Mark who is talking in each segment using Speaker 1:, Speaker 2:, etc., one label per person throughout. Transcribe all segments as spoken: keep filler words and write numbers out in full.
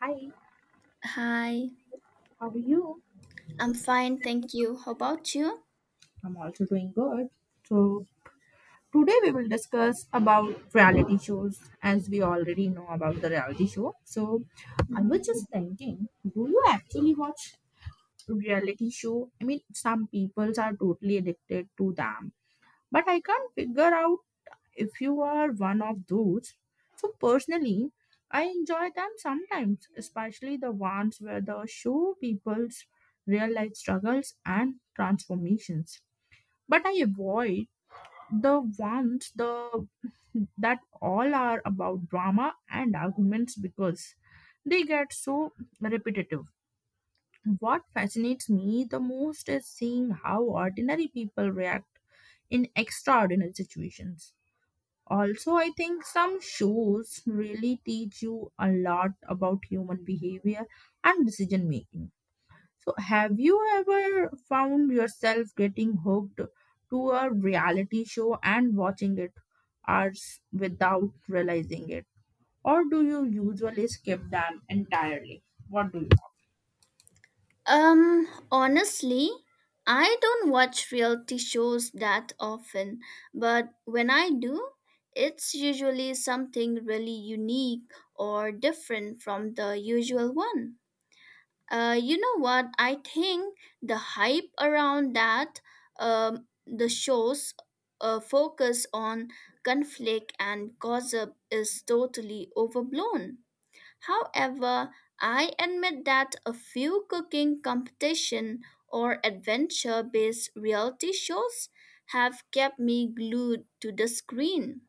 Speaker 1: Hi,
Speaker 2: Hi,
Speaker 1: how are you?
Speaker 2: I'm fine, thank you. How about you?
Speaker 1: I'm also doing good. So Today we will discuss about reality shows as we already know about the reality show. So I
Speaker 2: Mhm.
Speaker 1: was just thinking, do you actually watch reality show? I mean, some people are totally addicted to them, but I can't figure out if you are one of those. So personally, I enjoy them sometimes, especially the ones where the show people's real life struggles and transformations, but I avoid the ones the that all are about drama and arguments because they get so repetitive. What fascinates me the most is seeing how ordinary people react in extraordinary situations. Also, I think some shows really teach you a lot about human behavior and decision making. So, have you ever found yourself getting hooked to a reality show and watching it hours without realizing it? Or do you usually skip them entirely? What do you
Speaker 2: Um, honestly, I don't watch reality shows that often, but when I do, it's usually something really unique or different from the usual one. Uh, you know what? I think the hype around that, um, the shows uh, focus on conflict and gossip is totally overblown. However, I admit that a few cooking competition or adventure-based reality shows have kept me glued to the screen.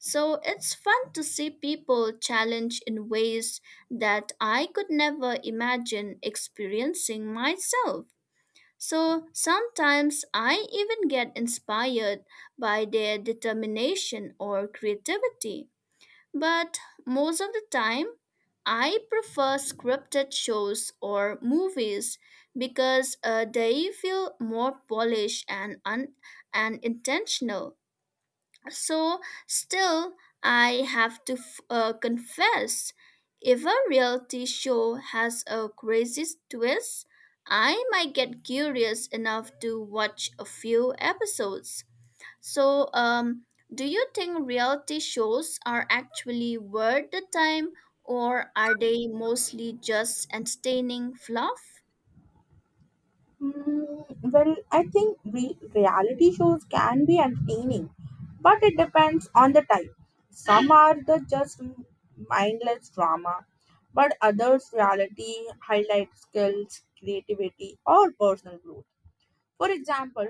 Speaker 2: So it's fun to see people challenged in ways that I could never imagine experiencing myself. So sometimes I even get inspired by their determination or creativity. But most of the time, I prefer scripted shows or movies because uh, they feel more polished and un- and intentional. So still, I have to f- uh, confess, if a reality show has a crazy twist, I might get curious enough to watch a few episodes. So, um, do you think reality shows are actually worth the time, or are they mostly just entertaining fluff?
Speaker 1: think? Mm, well, I think re- reality shows can be entertaining, but it depends on the type. Some are the just mindless drama, but others reality highlight skills, creativity, or personal growth. For example,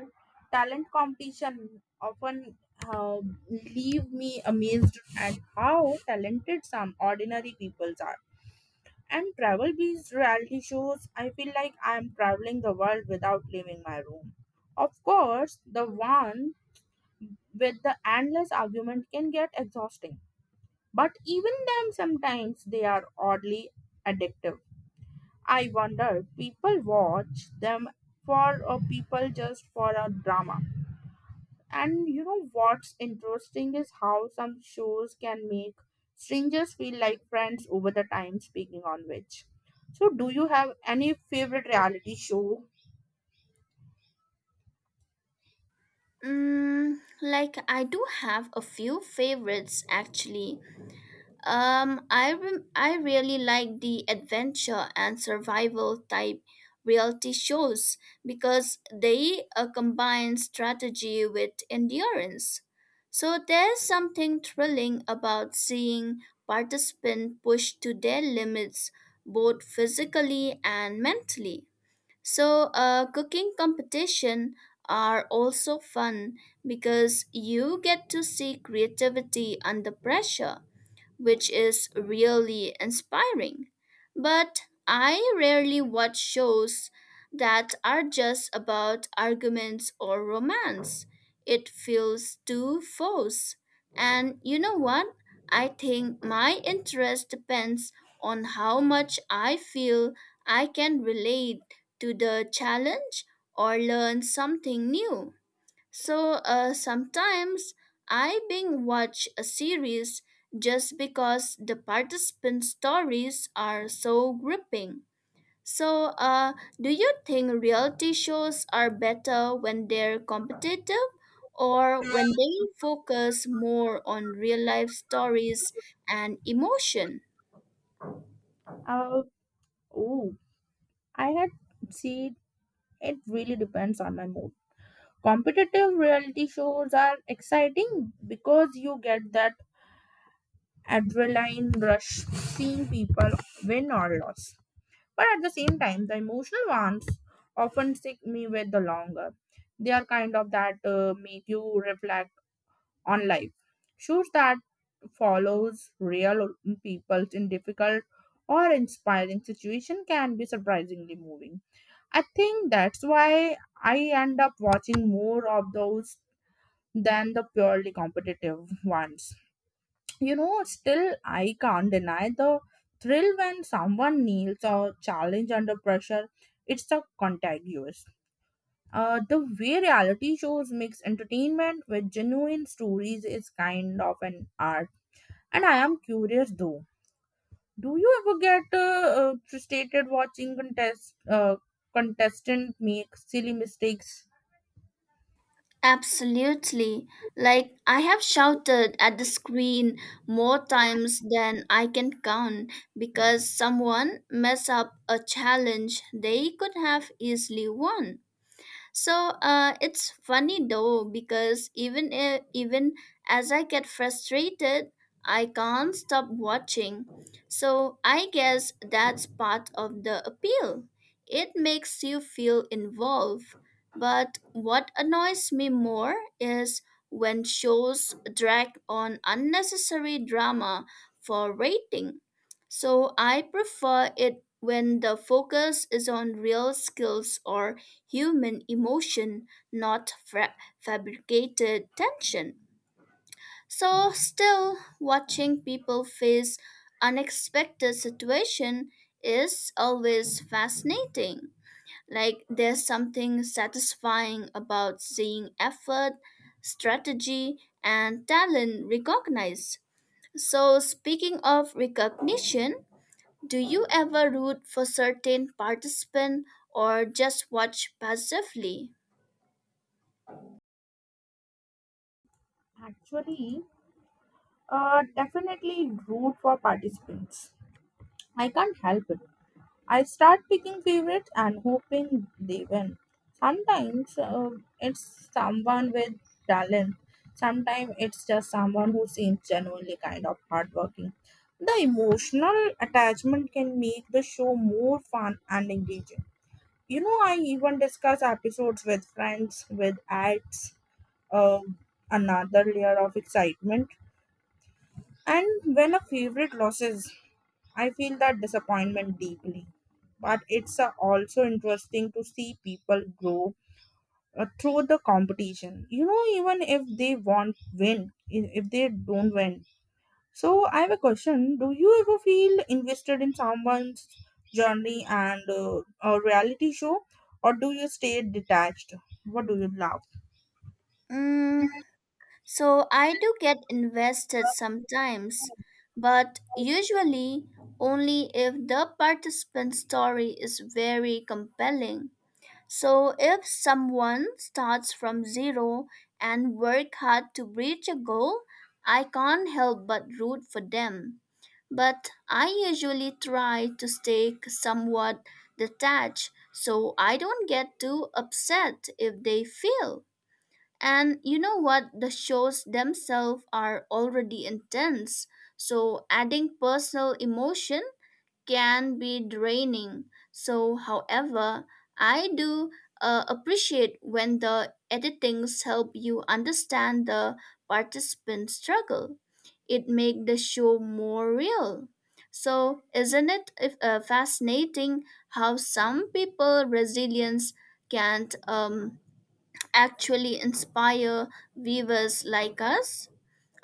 Speaker 1: talent competition often uh, leave me amazed at how talented some ordinary people are. And travel based reality shows, I feel like I'm traveling the world without leaving my room. Of course, the one with the endless argument can get exhausting, but even them sometimes they are oddly addictive. I wonder people watch them for uh, people just for a drama. And you know what's interesting is how some shows can make strangers feel like friends over the time, speaking on which. So, do you have any favorite reality show?
Speaker 2: Mm, like, I do have a few favorites actually. Um, I rem- I really like the adventure and survival type reality shows because they uh, combine strategy with endurance. So there's something thrilling about seeing participants push to their limits both physically and mentally. So, uh, cooking competition are also fun because you get to see creativity under pressure which is really inspiring. But I rarely watch shows that are just about arguments or romance. It feels too forced. And you know what? I think my interest depends on how much I feel I can relate to the challenge or learn something new. So uh, sometimes I binge watch a series just because the participant stories are so gripping. So, uh, do you think reality shows are better when they're competitive or when they focus more on real life stories and emotion?
Speaker 1: Uh, oh, I had see, it really depends on my mood. Competitive reality shows are exciting because you get that adrenaline rush seeing people win or lose. But at the same time, the emotional ones often stick me with the longer. They are kind of that uh, make you reflect on life. Shoes that follows real people in difficult or inspiring situation can be surprisingly moving. I think that's why I end up watching more of those than the purely competitive ones. You know, still I can't deny the thrill when someone kneels or challenge under pressure. It's a contagious. Uh, the way reality shows mix entertainment with genuine stories is kind of an art. And I am curious though. Do you ever get uh, uh, frustrated watching contest uh, contestant make silly mistakes?
Speaker 2: Absolutely. Like, I have shouted at the screen more times than I can count because someone messed up a challenge they could have easily won. So uh, it's funny though because even if, even as I get frustrated, I can't stop watching. So I guess that's part of the appeal. It makes you feel involved. But what annoys me more is when shows drag on unnecessary drama for rating. So I prefer it when the focus is on real skills or human emotion, not fra- fabricated tension. So, still watching people face unexpected situation is always fascinating. Like there's something satisfying about seeing effort, strategy, and talent recognized. So, speaking of recognition, do you ever root for certain participant or just watch passively?
Speaker 1: Actually, uh, definitely root for participants. I can't help it. I start picking favorites and hoping they win. Sometimes uh, it's someone with talent. Sometimes it's just someone who seems genuinely kind of hardworking. The emotional attachment can make the show more fun and engaging. You know, I even discuss episodes with friends, with ads, uh, another layer of excitement. And when a favorite loses, I feel that disappointment deeply, but it's uh, also interesting to see people grow uh, through the competition. You know, even if they won't win, i- if they don't win. So I have a question: do you ever feel invested in someone's journey and uh, a reality show, or do you stay detached? What do you love?
Speaker 2: Mm, so I do get invested sometimes, but usually only if the participant's story is very compelling. So if someone starts from zero and work hard to reach a goal, I can't help but root for them. But I usually try to stay somewhat detached so I don't get too upset if they fail. And you know what? The shows themselves are already intense, so adding personal emotion can be draining. So, however, I do uh, appreciate when the editings help you understand the participant's struggle. It makes the show more real. So, isn't it if- uh, fascinating how some people resilience can't um, actually inspire viewers like us?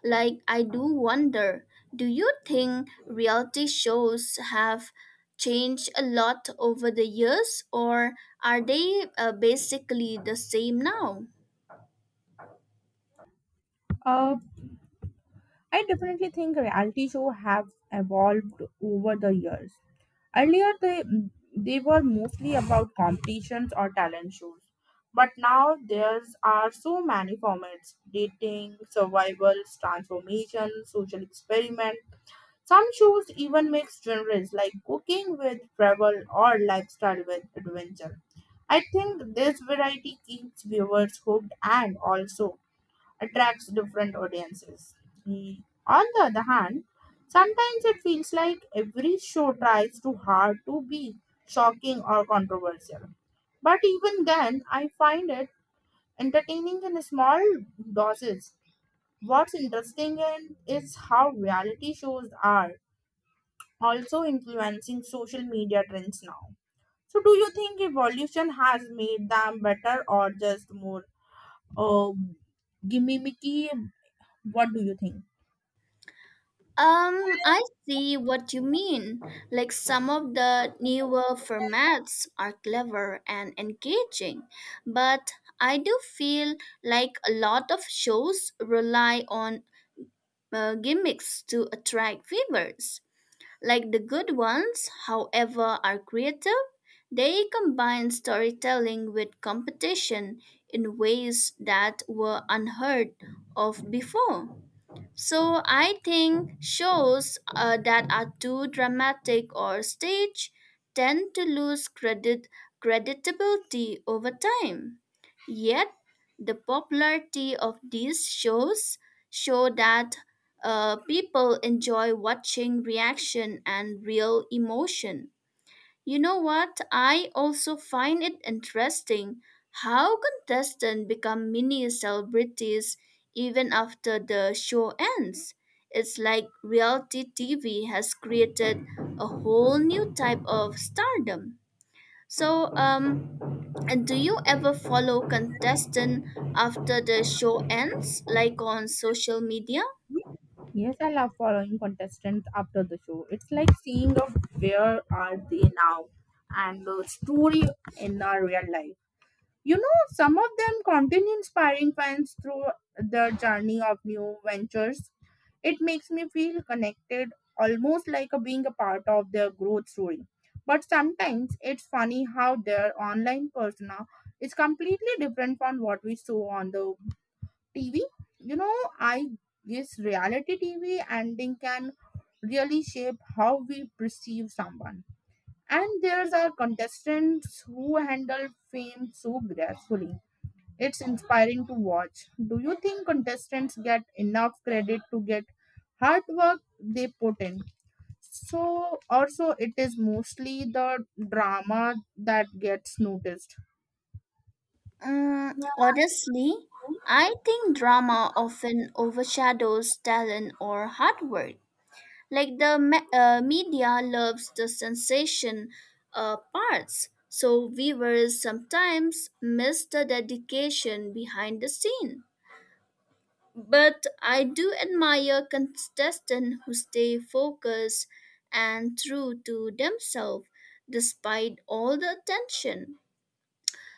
Speaker 2: Like, I do wonder, do you think reality shows have changed a lot over the years, or are they uh, basically the same now?
Speaker 1: Uh, I definitely think reality show have evolved over the years. Earlier, they, they were mostly about competitions or talent shows. But now there's are so many formats, dating, survivals, transformation, social experiment. Some shows even mix genres like cooking with travel or lifestyle with adventure. I think this variety keeps viewers hooked and also attracts different audiences. Mm, On the other hand, sometimes it feels like every show tries too hard to be shocking or controversial. But even then, I find it entertaining in small doses. What's interesting in is how reality shows are also influencing social media trends now. So, do you think evolution has made them better or just more uh, gimmicky? What do you think?
Speaker 2: Um, I see what you mean. Like some of the newer formats are clever and engaging, but I do feel like a lot of shows rely on uh, gimmicks to attract viewers. Like the good ones, however, are creative. They combine storytelling with competition in ways that were unheard of before. So I think shows uh, that are too dramatic or staged tend to lose credit creditability over time. Yet the popularity of these shows show that uh, people enjoy watching reaction and real emotion. You know what? I also find it interesting how contestants become mini celebrities even after the show ends. It's like reality T V has created a whole new type of stardom. So, um, and do you ever follow contestant after the show ends, like on social media?
Speaker 1: Yes, I love following contestants after the show. It's like seeing of where are they now and the story in our real life. You know, some of them continue inspiring fans through their journey of new ventures. It makes me feel connected, almost like a being a part of their growth story. But sometimes it's funny how their online persona is completely different from what we saw on the T V. You know, I guess reality T V ending can really shape how we perceive someone. And there's our contestants who handle fame so gracefully. It's inspiring to watch. Do you think contestants get enough credit to get hard work they put in? So also it is mostly the drama that gets noticed.
Speaker 2: Mm,
Speaker 1: Yeah,
Speaker 2: honestly, I think drama often overshadows talent or hard work. Like the me- uh, media loves the sensation uh, parts, so viewers sometimes miss the dedication behind the scene. But I do admire contestants who stay focused and true to themselves despite all the attention.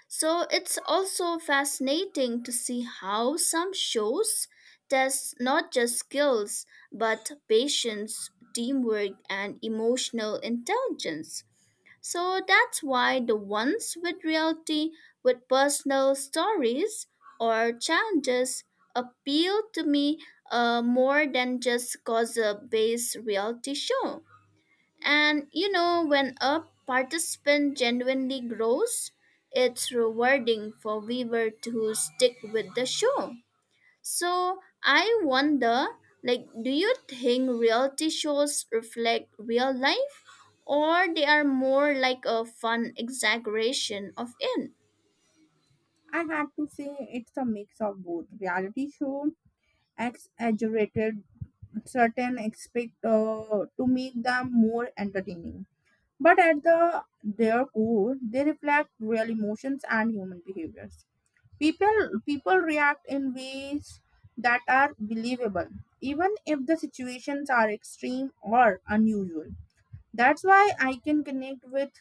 Speaker 2: So it's also fascinating to see how some shows test not just skills, but patience, teamwork, and emotional intelligence. So that's why the ones with reality, with personal stories or challenges, appeal to me uh, more than just cause a based reality show. And you know, when a participant genuinely grows, it's rewarding for viewers to stick with the show. So I wonder, like, do you think reality shows reflect real life, or they are more like a fun exaggeration of it?
Speaker 1: I had to say it's a mix of both. Reality show exaggerated certain aspect uh, to make them more entertaining. But at the their core, they reflect real emotions and human behaviors. People people react in ways that are believable, even if the situations are extreme or unusual. That's why I can connect with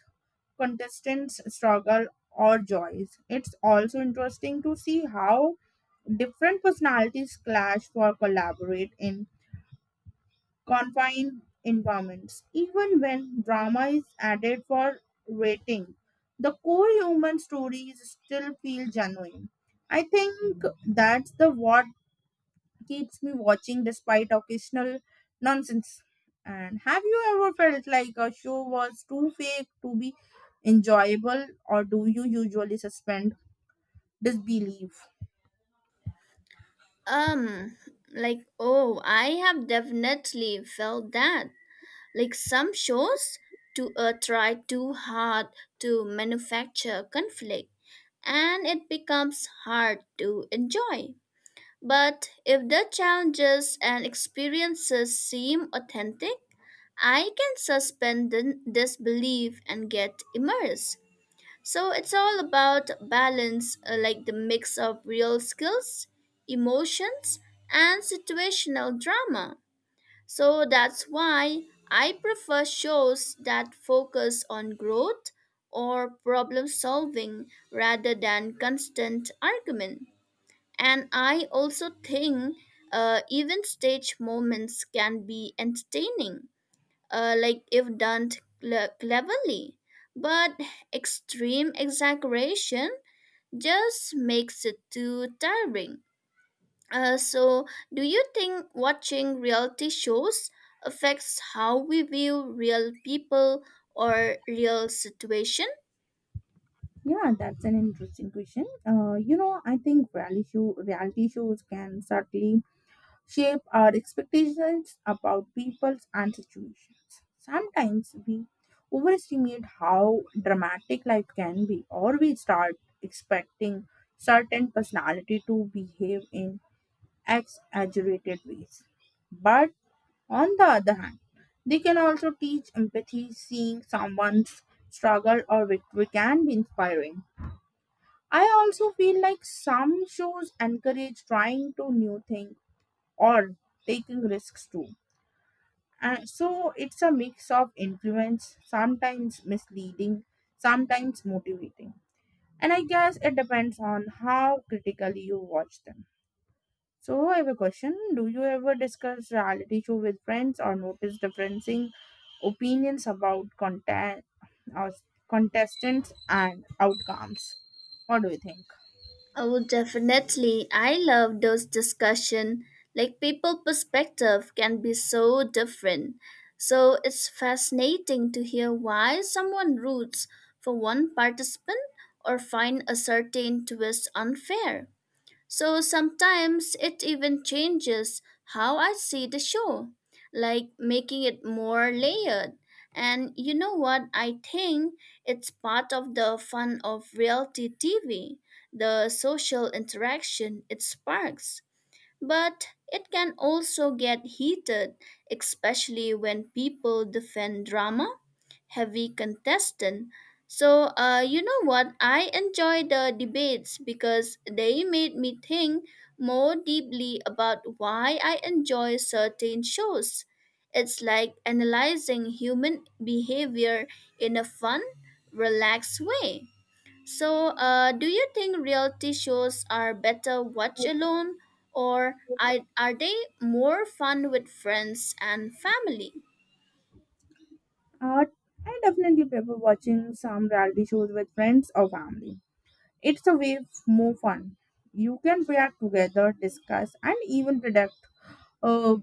Speaker 1: contestants' struggle or joys. It's also interesting to see how different personalities clash or collaborate in confined environments. Even when drama is added for rating, the core human stories still feel genuine. I think that's the what keeps me watching despite occasional nonsense. And have you ever felt like a show was too fake to be enjoyable, or do you usually suspend disbelief?
Speaker 2: Um, like, oh, I have definitely felt that. Like some shows to uh, try too hard to manufacture conflict and it becomes hard to enjoy. But if the challenges and experiences seem authentic, I can suspend the disbelief and get immersed. So it's all about balance, uh, like the mix of real skills, emotions, and situational drama. So that's why I prefer shows that focus on growth or problem solving rather than constant argument. And I also think uh, even stage moments can be entertaining, uh, like if done cle- cleverly. But extreme exaggeration just makes it too tiring. Uh, so, do you think watching reality shows affects how we view real people or real situation?
Speaker 1: Yeah, that's an interesting question. Uh, you know, I think reality show reality shows can certainly shape our expectations about people and situations. Sometimes we overestimate how dramatic life can be, or we start expecting certain personality to behave in exaggerated ways. But on the other hand, they can also teach empathy. Seeing someone's struggle or victory can be inspiring. I also feel like some shows encourage trying to new things or taking risks too. And so it's a mix of influence, sometimes misleading, sometimes motivating. And I guess it depends on how critically you watch them. So I have a question. Do you ever discuss reality show with friends or notice differencing opinions about content or contestants and outcomes? What do you think?
Speaker 2: Oh, definitely. I love those discussion. Like people perspective can be so different. So it's fascinating to hear why someone roots for one participant or find a certain twist unfair. So sometimes it even changes how I see the show, like making it more layered. And you know what? I think it's part of the fun of reality T V, the social interaction it sparks. But it can also get heated, especially when people defend drama, heavy contestant. So, uh, you know what? I enjoy the debates because they made me think more deeply about why I enjoy certain shows. It's like analyzing human behavior in a fun, relaxed way. So, uh, do you think reality shows are better watched alone, or I- are they more fun with friends and family?
Speaker 1: Uh, I definitely prefer watching some reality shows with friends or family. It's a way f- more fun. You can react together, discuss, and even predict uh,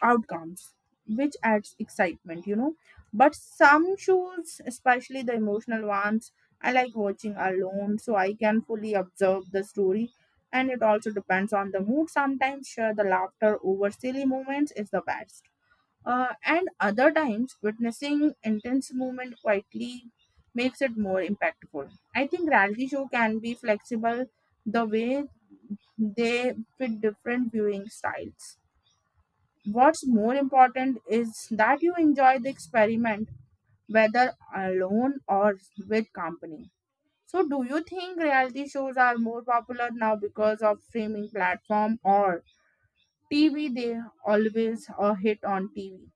Speaker 1: outcomes, which adds excitement, you know. But some shows, especially the emotional ones, I like watching alone so I can fully observe the story. And it also depends on the mood. Sometimes, sure, the laughter over silly moments is the best. Uh, and other times, witnessing intense movement quietly makes it more impactful. I think reality show can be flexible the way they fit different viewing styles. What's more important is that you enjoy the experiment whether alone or with company. So, do you think reality shows are more popular now because of streaming platform or T V? They always a hit on T V.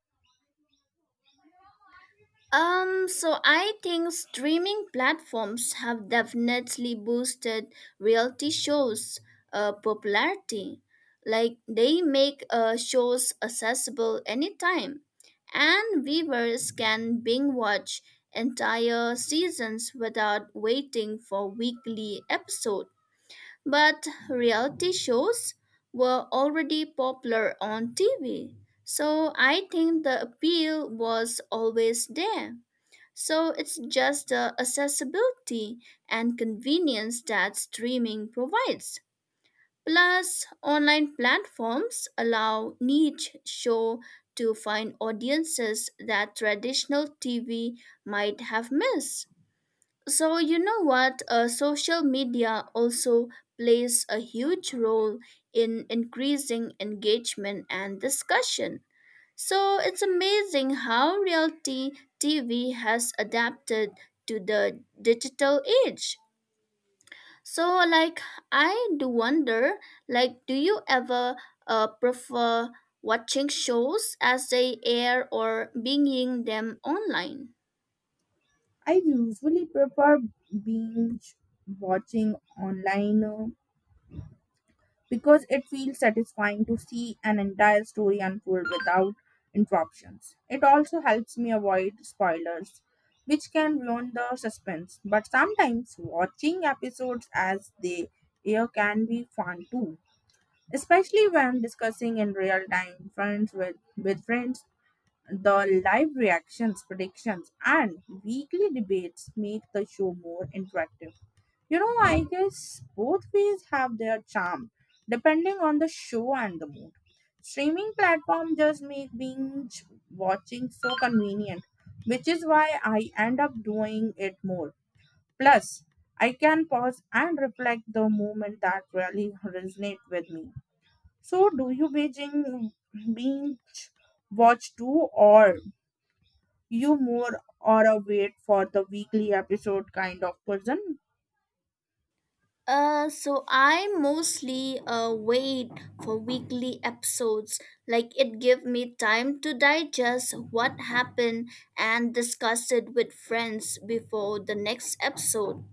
Speaker 2: Um, so I think streaming platforms have definitely boosted reality shows' uh, popularity. Like they make uh, shows accessible anytime, and viewers can binge watch entire seasons without waiting for weekly episodes. But reality shows were already popular on T V, so I think the appeal was always there. So it's just the accessibility and convenience that streaming provides. Plus, online platforms allow niche show to find audiences that traditional T V might have missed. So, you know what? Uh, social media also plays a huge role in increasing engagement and discussion. So, it's amazing how reality T V has adapted to the digital age. So, like, I do wonder, like, do you ever uh, prefer watching shows as they air or binging them online?
Speaker 1: I usually prefer binge watching online uh, because it feels satisfying to see an entire story unfold without interruptions. It also helps me avoid spoilers, which can ruin the suspense. But sometimes watching episodes as they air can be fun too, especially when discussing in real time friends with, with friends the live reactions, predictions, and weekly debates make the show more interactive. You know, I guess both ways have their charm, depending on the show and the mood. Streaming platform just make binge watching so convenient, which is why I end up doing it more. Plus, I can pause and reflect the moment that really resonate with me. So, do you binge binge watch too, or you more or a wait for the weekly episode kind of person.
Speaker 2: Uh, so I mostly uh, wait for weekly episodes. Like it give me time to digest what happened and discuss it with friends before the next episode.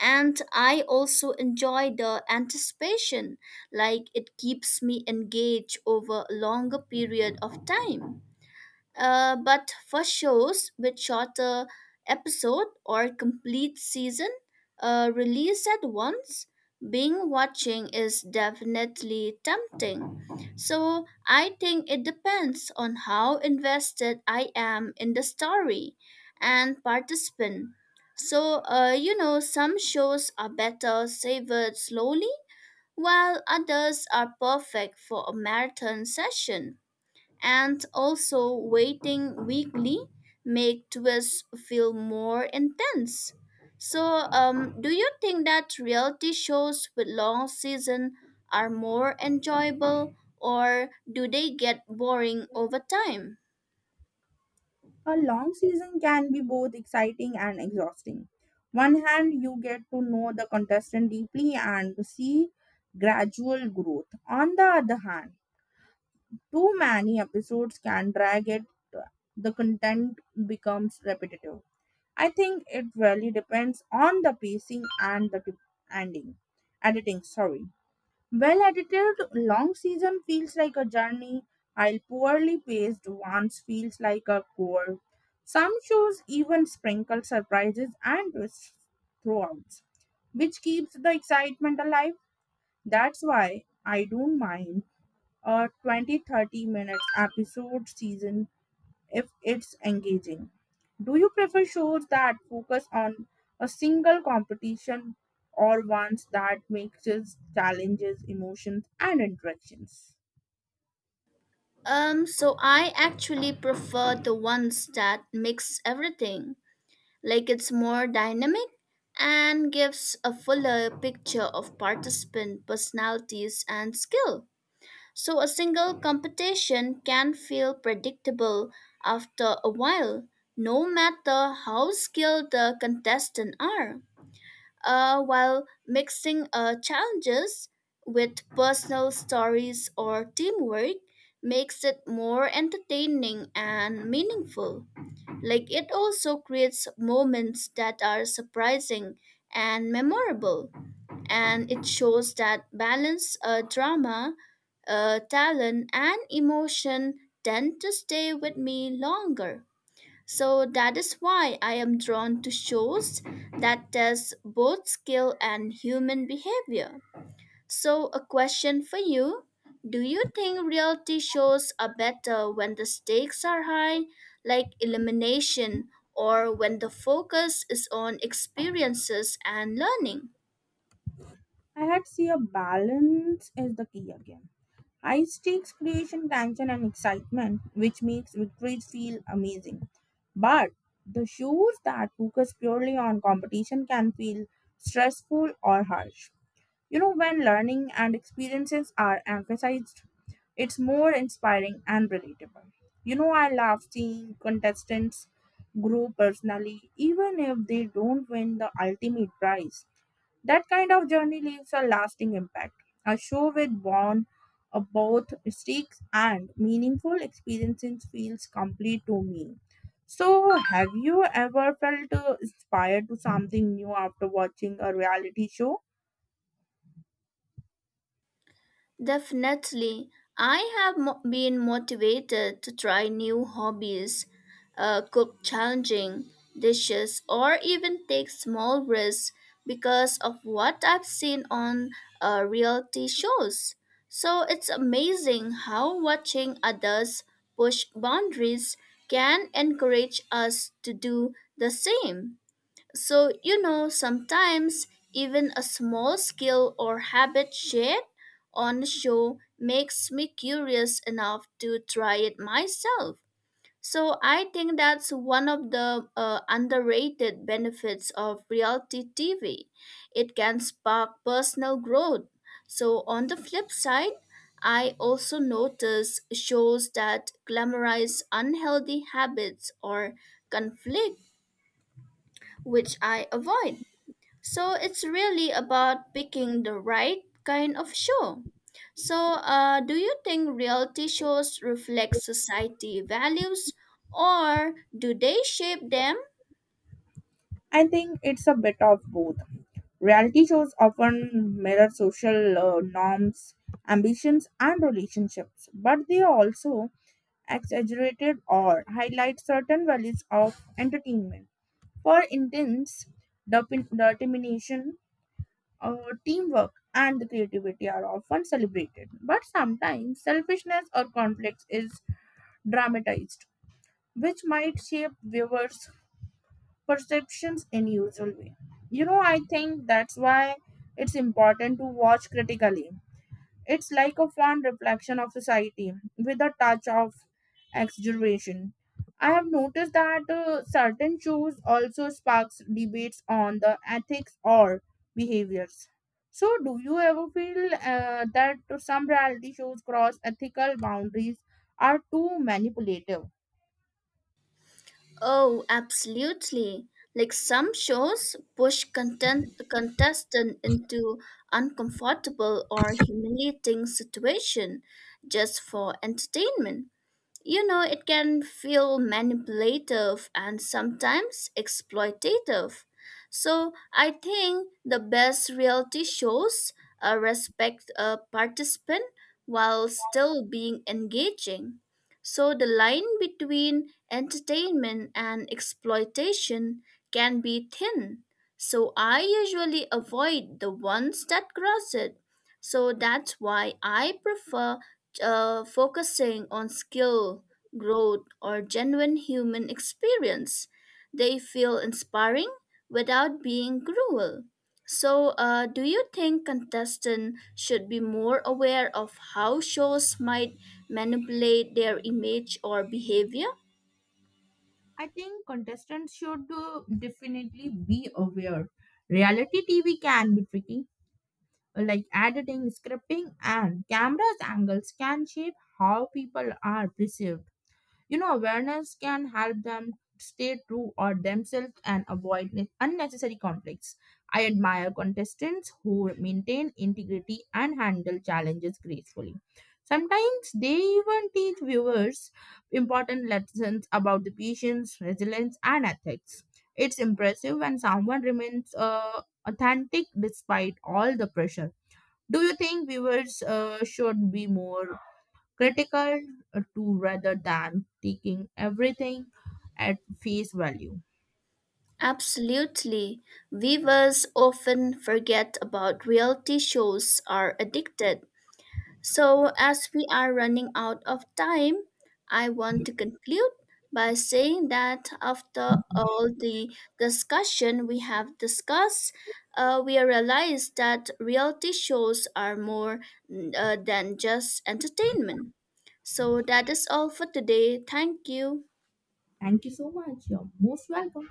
Speaker 2: And I also enjoy the anticipation. Like it keeps me engaged over a longer period of time. Uh, but for shows with shorter episode or complete season uh, released at once, binge watching is definitely tempting. So I think it depends on how invested I am in the story and participant. So uh, you know some shows are better savored slowly, while others are perfect for a marathon session and also waiting weekly make twists feel more intense. So, um, do you think that reality shows with long season are more enjoyable, or do they get boring over time?
Speaker 1: A long season can be both exciting and exhausting. One hand, you get to know the contestant deeply and see gradual growth. On the other hand, too many episodes can drag it. The content becomes repetitive. I think it really depends on the pacing and the t- ending, editing. Sorry. Well edited, long season feels like a journey, while poorly paced ones feels like a chore. Some shows even sprinkle surprises and twists throughout, which keeps the excitement alive. That's why I don't mind a twenty thirty minutes episode season if it's engaging. Do you prefer shows that focus on a single competition or ones that mixes challenges, emotions, and interactions?
Speaker 2: Um, so I actually prefer the ones that mix everything, like it's more dynamic and gives a fuller picture of participant personalities and skill. So a single competition can feel predictable after a while, no matter how skilled the contestants are. Uh, while mixing uh, challenges with personal stories or teamwork makes it more entertaining and meaningful. Like it also creates moments that are surprising and memorable and it shows that balance, uh, drama, uh, talent, and emotion tend to stay with me longer. So that is why I am drawn to shows that test both skill and human behavior. So, a question for you. Do you think reality shows are better when the stakes are high, like elimination, or when the focus is on experiences and learning?
Speaker 1: I had see a balance is the key again. High stakes creation tension and excitement, which makes victories feel amazing. But the shows that focus purely on competition can feel stressful or harsh. You know, when learning and experiences are emphasized, it's more inspiring and relatable. You know, I love seeing contestants grow personally, even if they don't win the ultimate prize. That kind of journey leaves a lasting impact. A show with born of both mistakes and meaningful experiences feels complete to me. So, have you ever felt uh, inspired to something new after watching a reality show?
Speaker 2: Definitely. I have mo- been motivated to try new hobbies, uh, cook challenging dishes, or even take small risks because of what I've seen on uh, reality shows. So it's amazing how watching others push boundaries can encourage us to do the same. So, you know, sometimes even a small skill or habit shared on the show makes me curious enough to try it myself. So, I think that's one of the uh, underrated benefits of reality T V. It can spark personal growth. So, on the flip side, I also notice shows that glamorize unhealthy habits or conflict, which I avoid. So it's really about picking the right kind of show. So, uh, do you think reality shows reflect society values or do they shape them?
Speaker 1: I think it's a bit of both. Reality shows often mirror social uh, norms, ambitions, and relationships, but they also exaggerated or highlight certain values of entertainment. For instance, determin- determination, uh, teamwork, and the creativity are often celebrated, but sometimes selfishness or conflicts is dramatized, which might shape viewers perceptions in usual way. You know, I think that's why it's important to watch critically. It's like a fond reflection of society with a touch of exaggeration. I have noticed that uh, certain shows also sparks debates on the ethics or behaviors. So, do you ever feel uh, that some reality shows cross ethical boundaries are too manipulative?
Speaker 2: Oh, absolutely. Like some shows push content contestant into uncomfortable or humiliating situation just for entertainment. You know, it can feel manipulative and sometimes exploitative. So, I think the best reality shows uh, respect a participant while still being engaging. So, the line between entertainment and exploitation can be thin. So, I usually avoid the ones that cross it. So, that's why I prefer uh, focusing on skill, growth, or genuine human experience. They feel inspiring without being cruel. So, uh, do you think contestants should be more aware of how shows might manipulate their image or behavior?
Speaker 1: I think contestants should uh, definitely be aware. Reality T V can be tricky, like editing, scripting, and cameras angles can shape how people are perceived. You know, awareness can help them stay true or themselves and avoid ne- unnecessary conflicts. I admire contestants who maintain integrity and handle challenges gracefully. Sometimes they even teach viewers important lessons about the patience, resilience, and ethics. It's impressive when someone remains uh, authentic despite all the pressure. Do you think viewers uh, should be more critical uh, to rather than taking everything at face value.
Speaker 2: Absolutely. Viewers often forget about reality shows are addicted. So, as we are running out of time, I want to conclude by saying that after all the discussion we have discussed, uh, we realize that reality shows are more mm, uh, than just entertainment. So, that is all for today. Thank you.
Speaker 1: Thank you so much. You're most welcome.